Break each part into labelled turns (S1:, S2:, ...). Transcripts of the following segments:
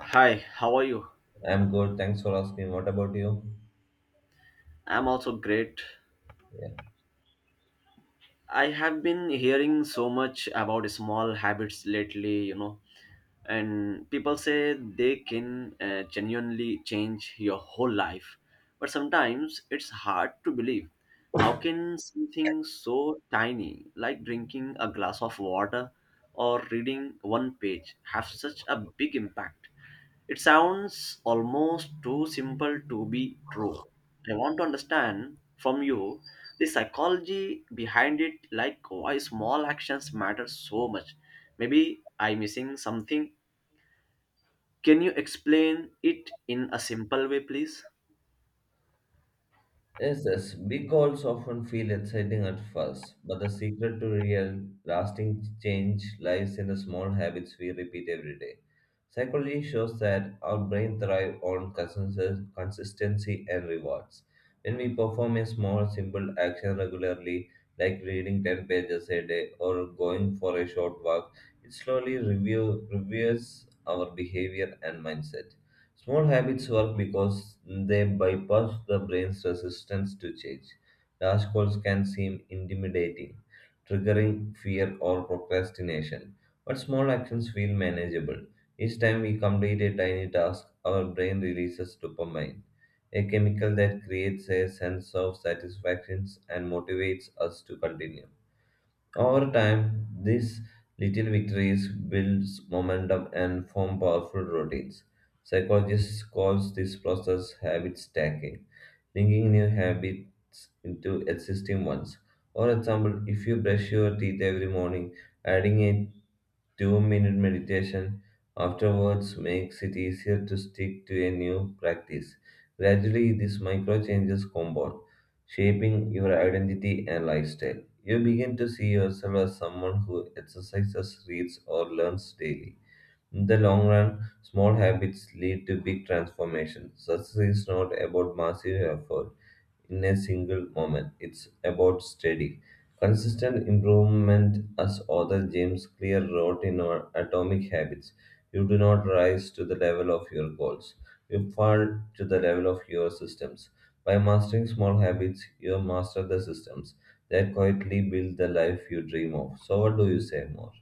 S1: Hi, how are you?
S2: I'm good. Thanks for asking. What about you?
S1: I'm also great.
S2: Yeah.
S1: I have been hearing so much about small habits lately, and people say they can genuinely change your whole life. But sometimes it's hard to believe. How can something so tiny, like drinking a glass of water or reading one page, have such a big impact? It sounds almost too simple to be true. I want to understand from you the psychology behind it, like why small actions matter so much. Maybe I'm missing something. Can you explain it in a simple way, please?
S2: Yes, yes. Big goals often feel exciting at first, but the secret to real, lasting change lies in the small habits we repeat every day. Psychology shows that our brain thrives on consistency and rewards. When we perform a small, simple action regularly, like reading 10 pages a day or going for a short walk, it slowly reviews our behavior and mindset. Small habits work because they bypass the brain's resistance to change. Large goals can seem intimidating, triggering fear or procrastination, but small actions feel manageable. Each time we complete a tiny task, our brain releases dopamine, a chemical that creates a sense of satisfaction and motivates us to continue. Over time, these little victories builds momentum and form powerful routines. Psychologists calls this process habit stacking, linking new habits into existing ones. For example, if you brush your teeth every morning, adding a 2 minute meditation afterwards makes it easier to stick to a new practice. Gradually, these micro changes compound, shaping your identity and lifestyle. You begin to see yourself as someone who exercises, reads, or learns daily in the long run. Small habits lead to big transformations. Success is not about massive effort in a single moment. It's about steady, consistent improvement, as author James Clear wrote in our Atomic Habits. You do not rise to the level of your goals, you fall to the level of your systems. By mastering small habits, you master the systems that quietly build the life you dream of. So, what do you say more?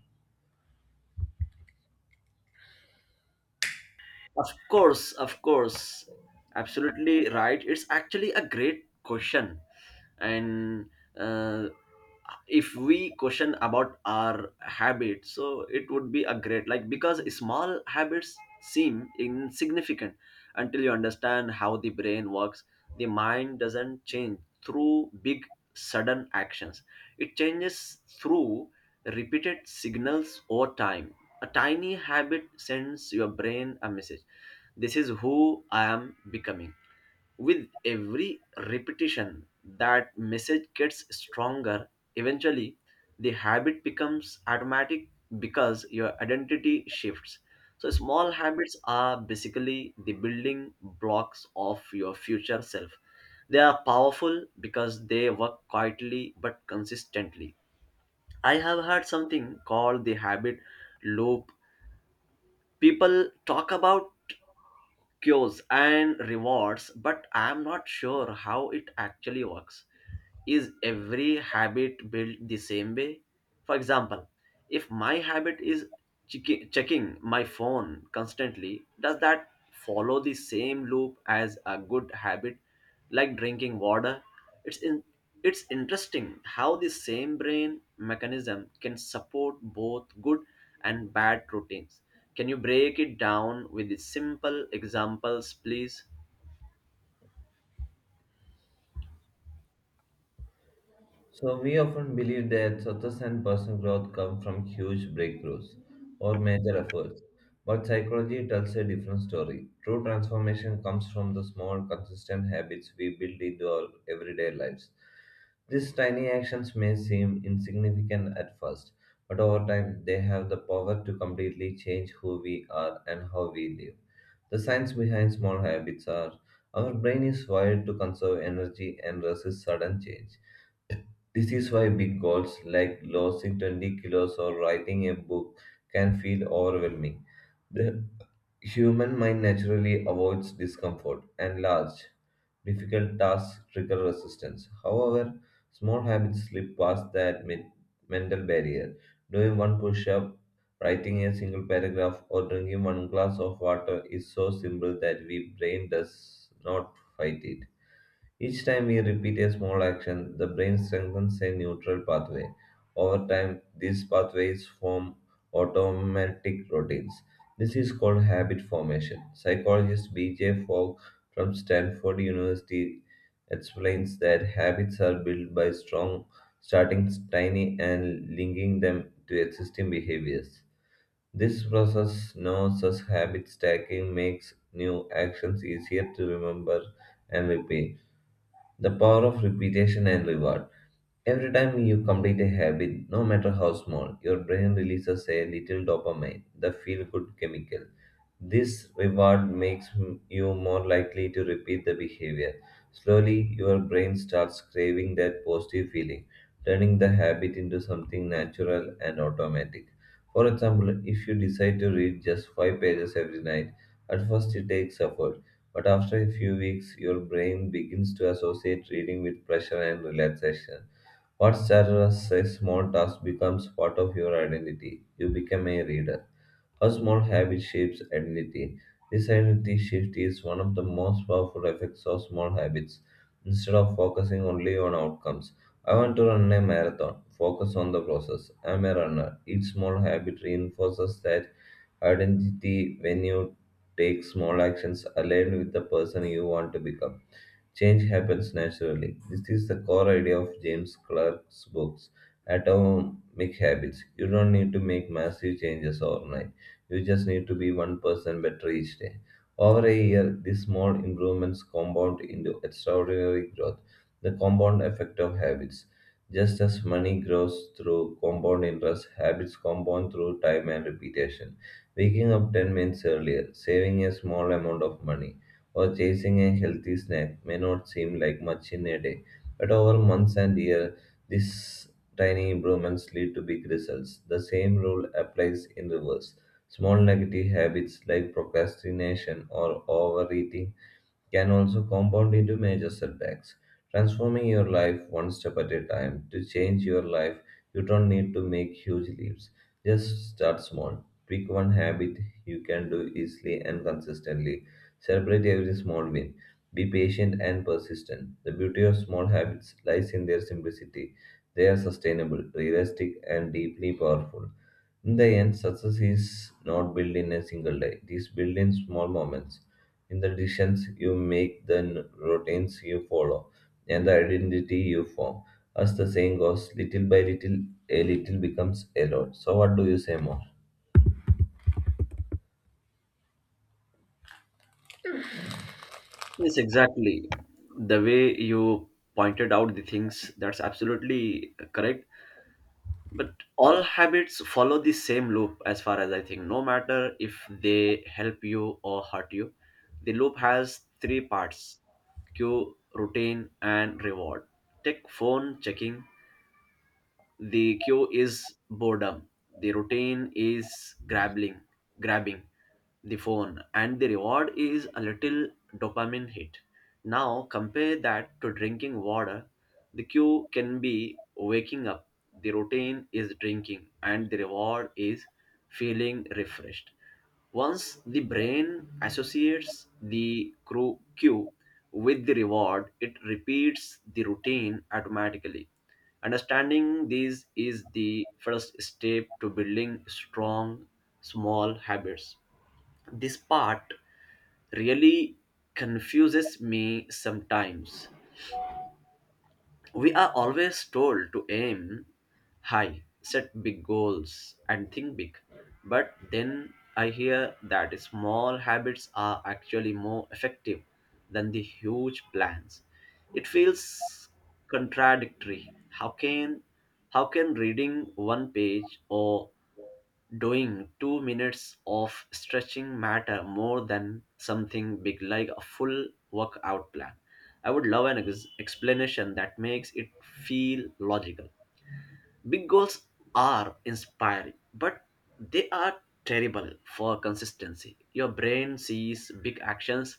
S1: Of course, of course. Absolutely right. It's actually a great question. And uh, if we question about our habits, so it would be a great, like, because small habits seem insignificant until you understand how the brain works. The mind doesn't change through big sudden actions. It changes through repeated signals over time. A tiny habit sends your brain a message: this is who I am becoming. With every repetition, that message gets stronger. Eventually, the habit becomes automatic because your identity shifts. So, small habits are basically the building blocks of your future self. They are powerful because they work quietly but consistently. I have heard something called the habit loop. People talk about cures and rewards, but I'm not sure how it actually works. Is every habit built the same way? For example, if my habit is checking my phone constantly, does that follow the same loop as a good habit like drinking water? It's in, it's interesting how the same brain mechanism can support both good and bad routines. Can you break it down with the simple examples, please?
S2: So we often believe that success and personal growth come from huge breakthroughs or major efforts, but psychology tells a different story. True transformation comes from the small, consistent habits we build into our everyday lives. These tiny actions may seem insignificant at first, but over time they have the power to completely change who we are and how we live. The science behind small habits are our brain is wired to conserve energy and resist sudden change. This is why big goals like losing 20 kilos or writing a book can feel overwhelming. The human mind naturally avoids discomfort, and large, difficult tasks trigger resistance. However, small habits slip past that mental barrier. Doing one push up, writing a single paragraph, or drinking one glass of water is so simple that we brain does not fight it. Each time we repeat a small action, the brain strengthens a neutral pathway. Over time, these pathways form automatic routines. This is called habit formation. Psychologist B.J. Fogg from Stanford University explains that habits are built by strong starting tiny and linking them to existing behaviors. This process, known as habit stacking, makes new actions easier to remember and repeat. The power of repetition and reward. Every time you complete a habit, no matter how small, your brain releases a little dopamine, the feel good chemical. This reward makes you more likely to repeat the behavior. Slowly, your brain starts craving that positive feeling, turning the habit into something natural and automatic. For example, if you decide to read just five pages every night, at first it takes effort, but after a few weeks, your brain begins to associate reading with pleasure and relaxation. What started as a small task becomes part of your identity. You become a reader. How small habit shapes identity. This identity shift is one of the most powerful effects of small habits. Instead of focusing only on outcomes, I want to run a marathon. Focus on the process. I'm a runner. Each small habit reinforces that identity when you take small actions aligned with the person you want to become. Change happens naturally. This is the core idea of James Clerk's books, Atomic Habits. You don't need to make massive changes overnight. You just need to be one person better each day. Over a year, these small improvements compound into extraordinary growth. The compound effect of habits. Just as money grows through compound interest, habits compound through time and repetition. Waking up 10 minutes earlier, saving a small amount of money or chasing a healthy snack may not seem like much in a day, but over months and years, these tiny improvements lead to big results. The same rule applies in reverse. Small negative habits like procrastination or overeating can also compound into major setbacks. Transforming your life one step at a time. To change your life, you don't need to make huge leaps. Just start small. Pick one habit you can do easily and consistently. Celebrate every small win. Be patient and persistent. The beauty of small habits lies in their simplicity. They are sustainable, realistic, and deeply powerful. In the end, success is not built in a single day. It is built in small moments in the decisions you make, the routines you follow, and the identity you form. As the saying goes, little by little, a little becomes a lot. So, what do you say more?
S1: Yes, exactly. The way you pointed out the things, that's absolutely correct. But all habits follow the same loop, as far as I think, no matter if they help you or hurt you. The loop has three parts: cue, routine, and reward. Take phone checking. The cue is boredom. The routine is grabbing the phone, and the reward is a little dopamine hit. Now compare that to drinking water. The cue can be waking up. The routine is drinking, and the reward is feeling refreshed. Once the brain associates the cue with the reward, it repeats the routine automatically. Understanding these is the first step to building strong small habits. This part really confuses me sometimes. We are always told to aim high, set big goals, and think big. But then I hear that small habits are actually more effective than the huge plans. It feels contradictory. How can reading one page or doing 2 minutes of stretching matter more than something big like a full workout plan? I would love an explanation that makes it feel logical. Big goals are inspiring, but they are terrible for consistency. Your brain sees big actions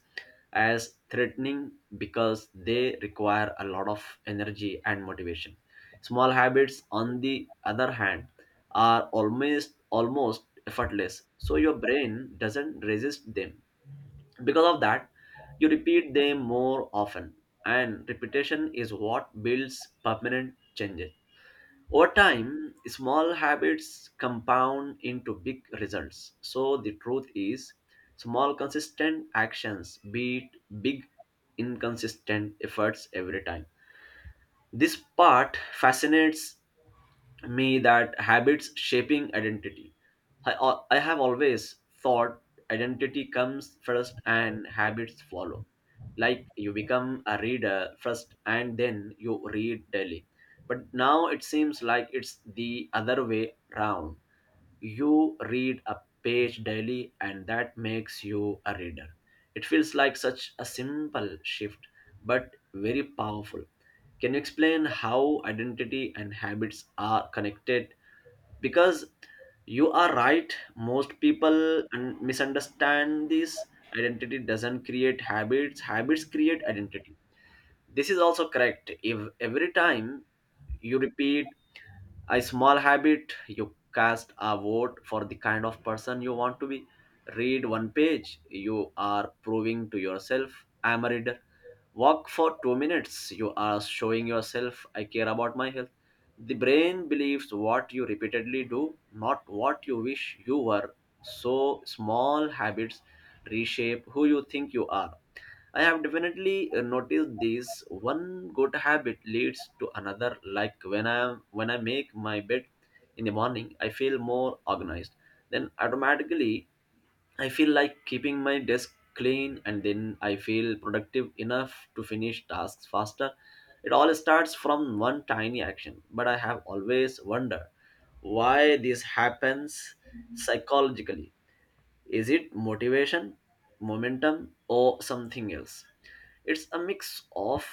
S1: as threatening because they require a lot of energy and motivation. Small habits, on the other hand, are almost effortless, so your brain doesn't resist them. Because of that, you repeat them more often, and repetition is what builds permanent changes. Over time, small habits compound into big results. So the truth is, small consistent actions beat big inconsistent efforts every time. This part fascinates me, that habits shaping identity. I have always thought identity comes first and habits follow. Like, you become a reader first and then you read daily. But now it seems like it's the other way round. You read a page daily and that makes you a reader. It feels like such a simple shift but very powerful. Can you explain how identity and habits are connected? Because you are right, most people misunderstand this. Identity doesn't create habits, habits create identity. This is also correct. If every time you repeat a small habit, you cast a vote for the kind of person you want to be. Read one page, you are proving to yourself I'm a reader. Walk for 2 minutes, you are showing yourself I care about my health. The brain believes what you repeatedly do, not what you wish you were. So small habits reshape who you think you are. I have definitely noticed this. One good habit leads to another. Like, when I make my bed in the morning, I feel more organized. Then automatically I feel like keeping my desk clean, and then I feel productive enough to finish tasks faster. It all starts from one tiny action, but I have always wondered why this happens psychologically. Is it motivation, momentum, or something else? It's a mix of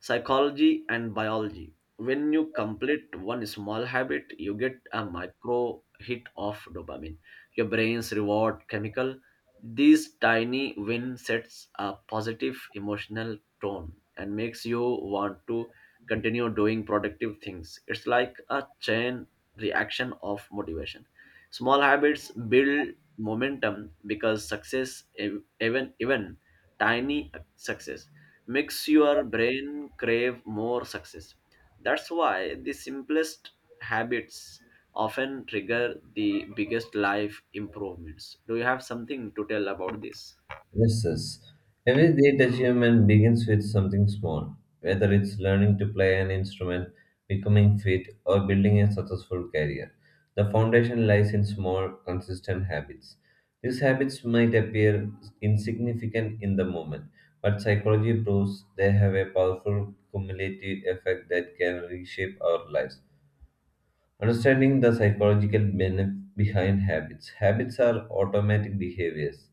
S1: psychology and biology. When you complete one small habit, you get a micro hit of dopamine, your brain's reward chemical. This tiny win sets a positive emotional tone and makes you want to continue doing productive things. It's like a chain reaction of motivation. Small habits build momentum because success, even tiny success, makes your brain crave more success. That's why the simplest habits often trigger the biggest life improvements. Do you have something to tell about this?
S2: Yes. Every great achievement begins with something small, whether it's learning to play an instrument, becoming fit, or building a successful career. The foundation lies in small, consistent habits. These habits might appear insignificant in the moment, but psychology proves they have a powerful cumulative effect that can reshape our lives. Understanding the psychological benefit behind habits. Habits are automatic behaviors,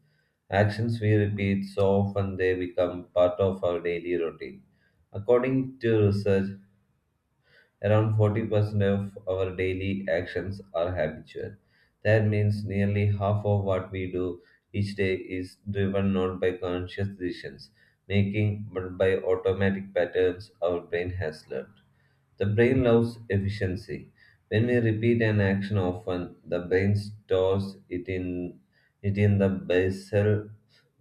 S2: actions we repeat so often they become part of our daily routine. According to research, around 40% of our daily actions are habitual. That means nearly half of what we do each day is driven not by conscious decisions making but by automatic patterns our brain has learned. The brain loves efficiency. When we repeat an action often, the brain stores it in the basal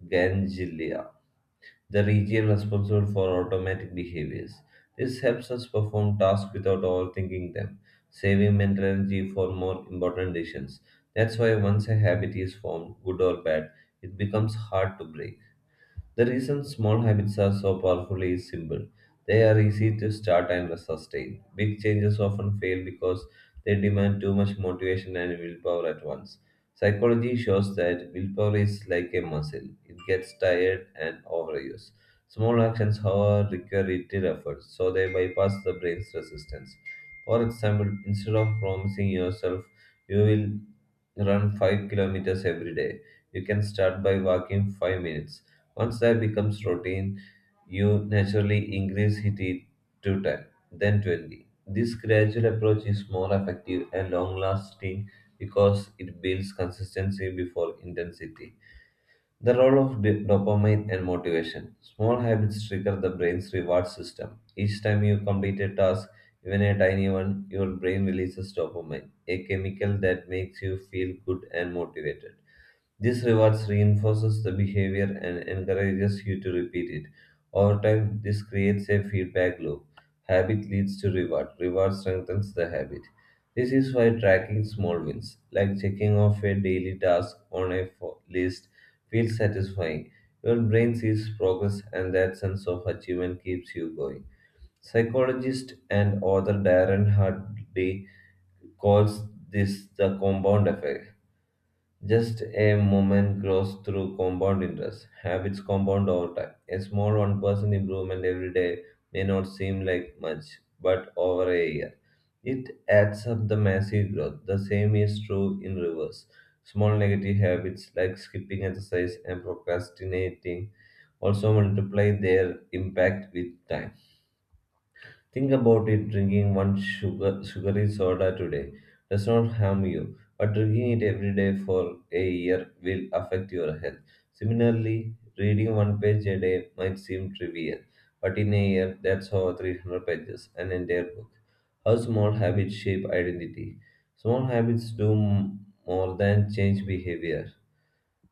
S2: ganglia, the region responsible for automatic behaviors. This helps us perform tasks without overthinking them, saving mental energy for more important decisions. That's why once a habit is formed, good or bad, it becomes hard to break. The reason small habits are so powerful is simple. They are easy to start and sustain. Big changes often fail because they demand too much motivation and willpower at once. Psychology shows that willpower is like a muscle, it gets tired and overused. Small actions, however, require little effort, so they bypass the brain's resistance. For example, instead of promising yourself you will run 5 kilometers every day, you can start by walking 5 minutes. Once that becomes routine, you naturally increase it to 10, then 20. This gradual approach is more effective and long lasting because it builds consistency before intensity. The role of dopamine and motivation. Small habits trigger the brain's reward system. Each time you complete a task, even a tiny one, your brain releases dopamine, a chemical that makes you feel good and motivated. This rewards reinforces the behavior and encourages you to repeat it. Over time, this creates a feedback loop. Habit leads to reward. Reward strengthens the habit. This is why tracking small wins, like checking off a daily task on a list, feels satisfying. Your brain sees progress, and that sense of achievement keeps you going. Psychologist and author Darren Hardy calls this the compound effect. Just a moment grows through compound interest. Habits compound over time. A small 1% improvement every day may not seem like much, but over a year, it adds up the massive growth. The same is true in reverse. Small negative habits like skipping exercise and procrastinating also multiply their impact with time. Think about it drinking one sugary soda today does not harm you, but drinking it every day for a year will affect your health. Similarly, reading one page a day might seem trivial, but in a year, that's over 300 pages, an entire book. How small habits shape identity. Small habits do more than change behavior.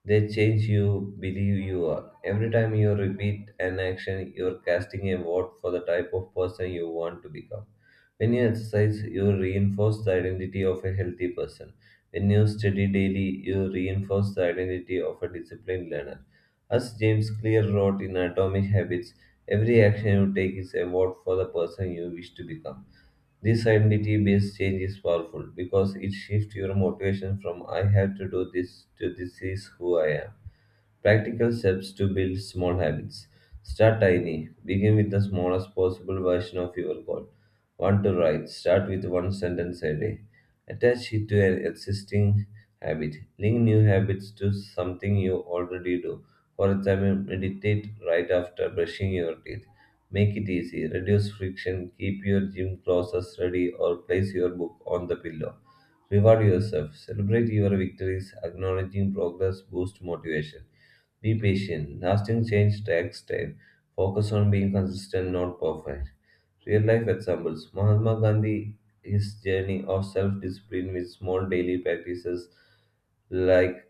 S2: They change you, believe you are. Every time you repeat an action, you're casting a vote for the type of person you want to become. When you exercise, you reinforce the identity of a healthy person. When you study daily, you reinforce the identity of a disciplined learner. As James Clear wrote in Atomic Habits, every action you take is a vote for the person you wish to become. This identity based change is powerful because it shifts your motivation from I have to do this to this is who I am. Practical steps to build small habits. Start tiny. Begin with the smallest possible version of your goal. Want to write? Start with one sentence a day. Attach it to an existing habit. Link new habits to something you already do. For example, meditate right after brushing your teeth. Make it easy. Reduce friction. Keep your gym clothes ready or place your book on the pillow. Reward yourself. Celebrate your victories. Acknowledging progress boosts motivation. Be patient. Lasting change takes time. Focus on being consistent, not perfect. Real life examples Mahatma Gandhi, his journey of self discipline with small daily practices like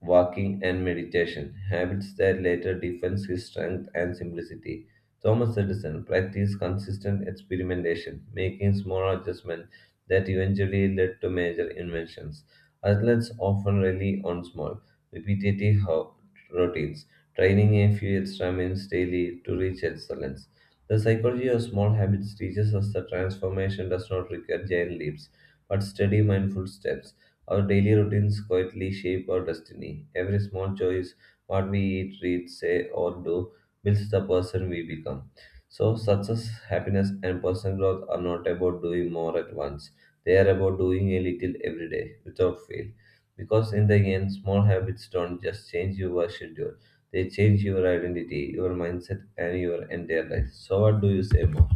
S2: walking, and meditation, habits that later defined his strength and simplicity. Thomas Edison practiced consistent experimentation, making small adjustments that eventually led to major inventions. Athletes often rely on small, repetitive ho- routines, training a few extra minutes daily to reach excellence. The psychology of small habits teaches us that transformation does not require giant leaps, but steady, mindful steps. Our daily routines quietly shape our destiny. Every small choice, what we eat, read, say, or do, builds the person we become. So, success, happiness, and personal growth are not about doing more at once. They are about doing a little every day without fail. Because, in the end, small habits don't just change your schedule, they change your identity, your mindset, and your entire life. So, what do you say more?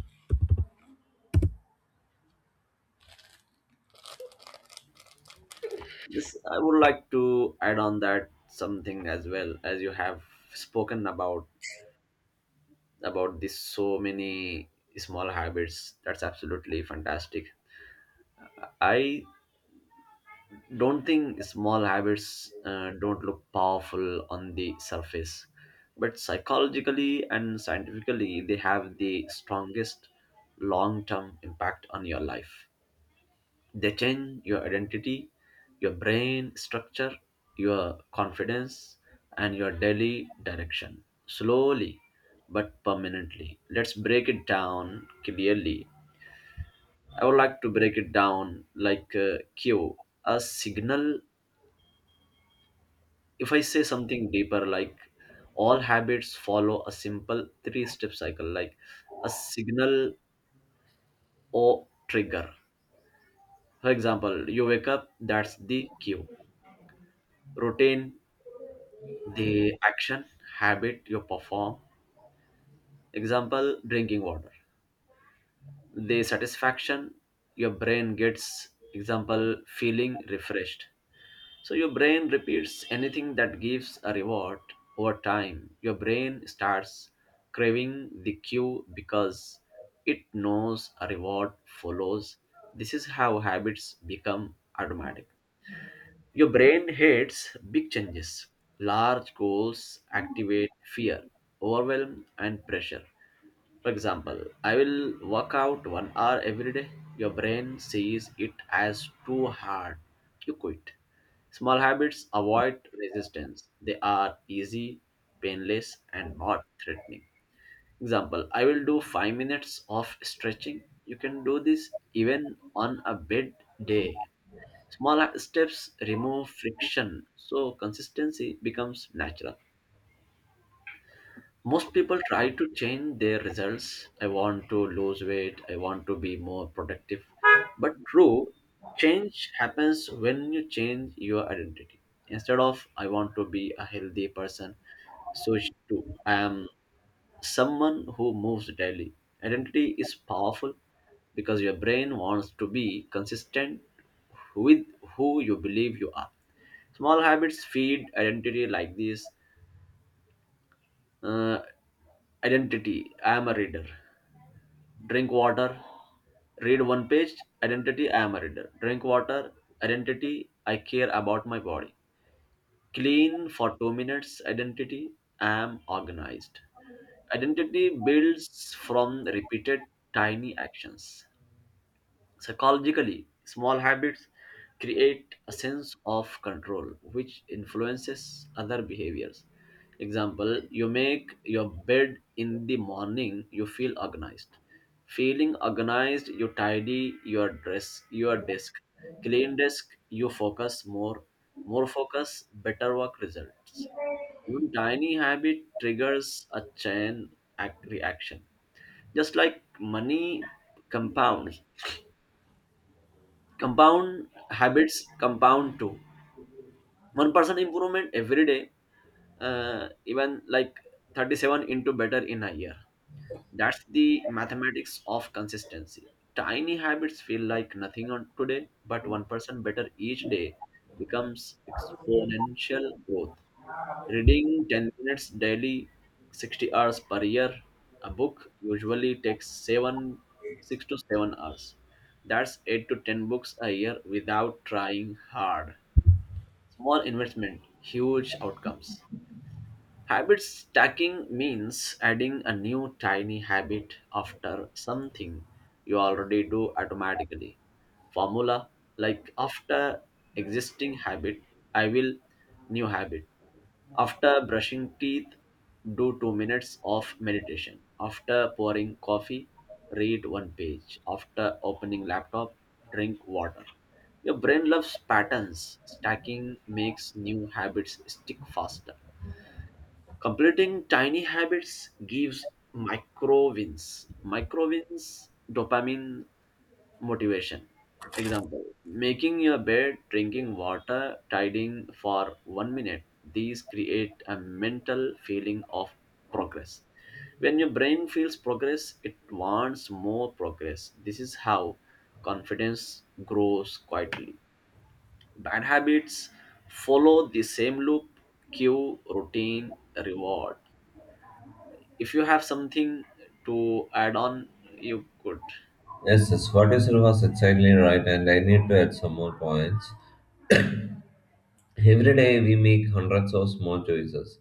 S1: Yes, I would like to add on that something as well. As you have spoken about this so many small habits, that's absolutely fantastic. I don't think small habits, don't look powerful on the surface, but psychologically and scientifically they have the strongest long-term impact on your life. They change your identity, your brain structure, your confidence, and your daily direction. Slowly but permanently. Let's break it down clearly. I would like to break it down like, Q. A signal. If I say something deeper, like, all habits follow a simple three step cycle, like a signal or trigger. For example, you wake up, that's the cue. Routine, the action habit you perform, example drinking water. The satisfaction your brain gets, example feeling refreshed. So your brain repeats anything that gives a reward. Over time your brain starts craving the cue because it knows a reward follows. This is how habits become automatic. Your brain hates big changes. Large goals activate fear, overwhelm, and pressure. For example, I will work out 1 hour every day. Your brain sees it as too hard. You quit. Small habits avoid resistance. They are easy, painless, and not threatening. Example, I will do 5 minutes of stretching. You can do this even on a bad day. Small steps remove friction, so consistency becomes natural. Most people try to change their results. I want to lose weight, I want to be more productive. But true, change happens when you change your identity. Instead of I want to be a healthy person, switch to I am someone who moves daily. Identity is powerful because your brain wants to be consistent with who you believe you are. Small habits feed identity like this. Uh, Identity, I am a reader. Drink water, read one page. Identity, I am a reader. Drink water, identity, I care about my body. Clean for 2 minutes, identity, I am organized. Identity builds from repeated tiny actions. Psychologically, small habits create a sense of control which influences other behaviors. Example, you make your bed in the morning, you feel organized. Feeling organized, you tidy your dress, your desk. Clean desk, you focus more. More focus, better work results. One tiny habit triggers a chain reaction. Just like money compounds, compound habits compound too. 1% improvement every day, even like 37 into better in a year. That's the mathematics of consistency. Tiny habits feel like nothing on today, but 1% better each day becomes exponential growth. Reading 10 minutes daily, 60 hours per year, a book usually takes 7 6 to 7 hours. That's 8 to 10 books a year without trying hard. Small investment, huge outcomes. Habit stacking means adding a new tiny habit after something you already do automatically. Formula, like, after existing habit, I will new habit. After brushing teeth, do 2 minutes of meditation. After pouring coffee, read one page. After opening laptop, drink water. Your brain loves patterns. Stacking makes new habits stick faster. Completing tiny habits gives micro wins. Micro wins, dopamine, motivation. Example, making your bed, drinking water, tidying for 1 minute. These create a mental feeling of progress. When your brain feels progress, it wants more progress. This is how confidence grows quietly. Bad habits follow the same loop: cue, routine, reward. If you have something to add on, you could.
S2: Yes, yes, what you said was exactly right, and I need to add some more points. Every day we make hundreds of small choices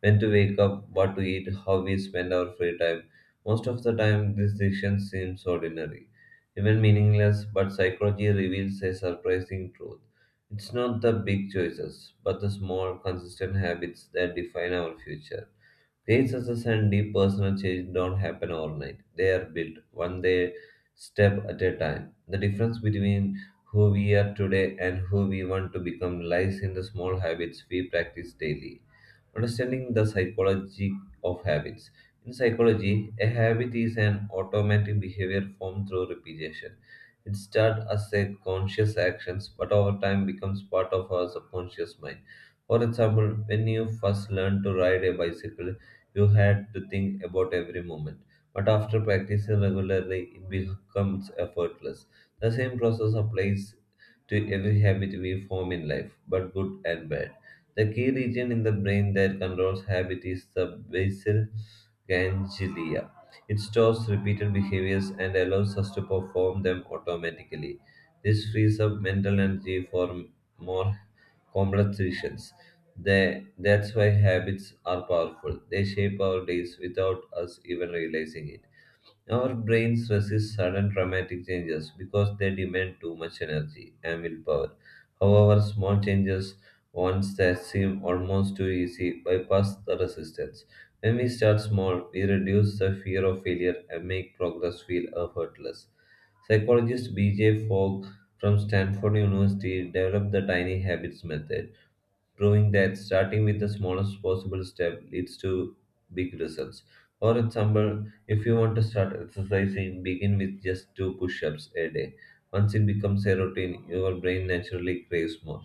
S2: when to wake up, what to eat, how we spend our free time. Most of the time, these decisions seem ordinary, even meaningless, but psychology reveals a surprising truth. It's not the big choices, but the small, consistent habits that define our future. Great success and deep personal change don't happen overnight. They are built one day, step at a time. The difference between who we are today and who we want to become lies in the small habits we practice daily. Understanding the psychology of habits. In psychology, a habit is an automatic behavior formed through repetition. It starts as a conscious actions, but over time becomes part of our subconscious mind. For example, when you first learned to ride a bicycle, you had to think about every moment. But after practicing regularly, it becomes effortless. The same process applies to every habit we form in life, but good and bad. The key region in the brain that controls habit is the basal ganglia. It stores repeated behaviors and allows us to perform them automatically. This frees up mental energy for more complex decisions. That's why habits are powerful. They shape our days without us even realizing it. Our brains resist sudden dramatic changes because they demand too much energy and willpower. However, small changes, ones that seem almost too easy, bypass the resistance. When we start small, we reduce the fear of failure and make progress feel effortless. Psychologist B.J. Fogg from Stanford University developed the tiny habits method, proving that starting with the smallest possible step leads to big results. For example, if you want to start exercising, begin with just two push ups a day. Once it becomes a routine, your brain naturally craves more.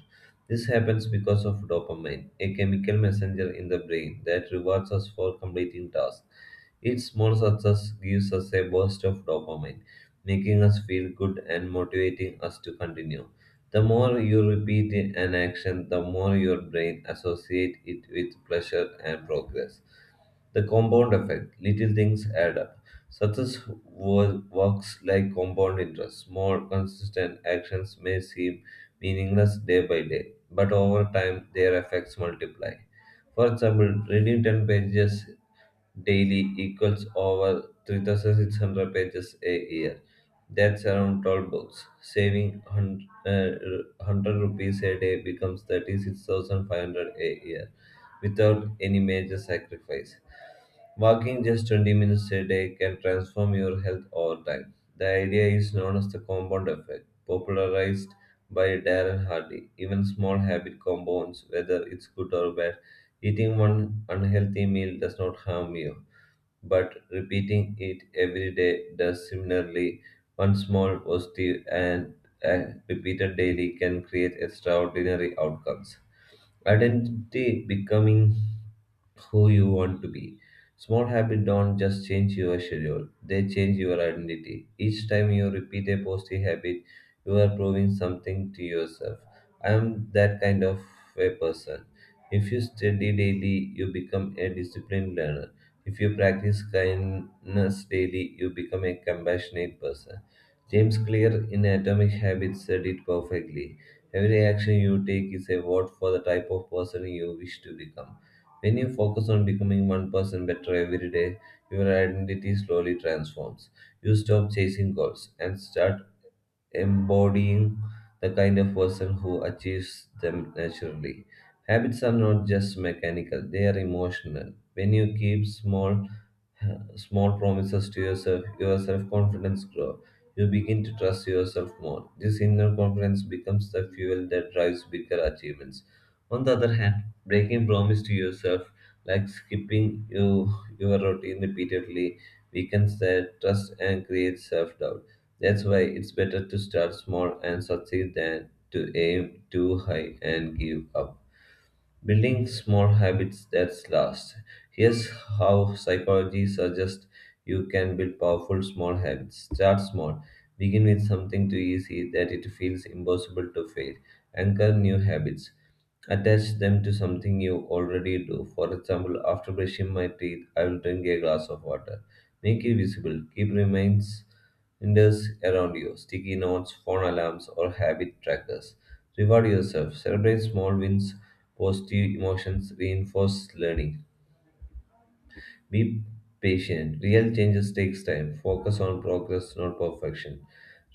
S2: This happens because of dopamine, a chemical messenger in the brain that rewards us for completing tasks. Each small success gives us a burst of dopamine, making us feel good and motivating us to continue. The more you repeat an action, the more your brain associates it with pleasure and progress. The compound effect little things add up. Success works like compound interest. Small, consistent actions may seem meaningless day by day, but over time their effects multiply. For example, reading 10 pages daily equals over 3,600 pages a year. That's around 12 books. Saving 100 rupees a day becomes 36,500 a year without any major sacrifice. Walking just 20 minutes a day can transform your health over time. The idea is known as the compound effect, popularized by Darren Hardy. Even small habit compounds, whether it's good or bad, eating one unhealthy meal does not harm you, but repeating it every day does similarly. One small positive and uh, repeated daily can create extraordinary outcomes. Identity becoming who you want to be. Small habits don't just change your schedule, they change your identity. Each time you repeat a positive habit, you are proving something to yourself. I am that kind of a person. If you study daily, you become a disciplined learner. If you practice kindness daily, you become a compassionate person. James Clear in Atomic Habits said it perfectly. Every action you take is a vote for the type of person you wish to become. When you focus on becoming one person better every day, your identity slowly transforms. You stop chasing goals and start embodying the kind of person who achieves them naturally. Habits are not just mechanical, they are emotional. When you keep small promises to yourself, your self-confidence grows. You begin to trust yourself more. This inner confidence becomes the fuel that drives bigger achievements. On the other hand, breaking promise to yourself, like skipping your routine repeatedly, weakens that trust and creates self-doubt. That's why it's better to start small and succeed than to aim too high and give up. Building small habits that last. Here's how psychology suggests you can build powerful small habits. Start small. Begin with something too easy that it feels impossible to fail. Anchor new habits. Attach them to something you already do. For example, after brushing my teeth, I will drink a glass of water. Make it visible. Keep remains reminders around you, sticky notes, phone alarms, or habit trackers. Reward yourself. Celebrate small wins. Positive emotions reinforce learning. Be patient. Real changes takes time. Focus on progress, not perfection.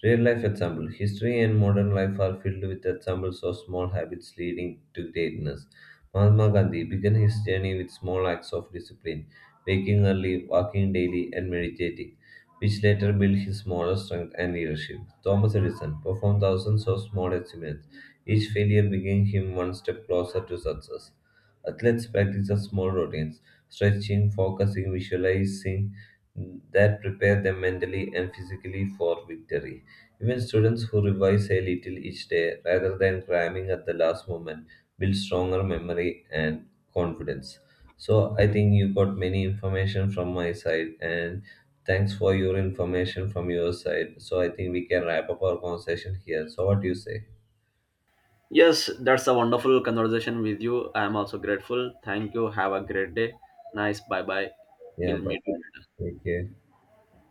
S2: Real life example. History and modern life are filled with examples of small habits leading to greatness. Mahatma Gandhi began his journey with small acts of discipline, waking early, walking daily, and meditating, which later built his moral strength and leadership. Thomas Edison performed thousands of small experiments. Each failure bringing him one step closer to success. Athletes practice the small routines, stretching, focusing, visualizing that prepare them mentally and physically for victory. Even students who revise a little each day rather than cramming at the last moment build stronger memory and confidence. So I think you got many information from my side and thanks for your information from your side. So I think we can wrap up our conversation here. So what do you say?
S1: Yes, that's a wonderful conversation with you. I am also grateful. Thank you, have a great day. Nice, bye bye.
S2: Yeah,
S1: We'll
S2: but
S1: meet you later.
S2: take care.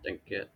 S1: Thank you.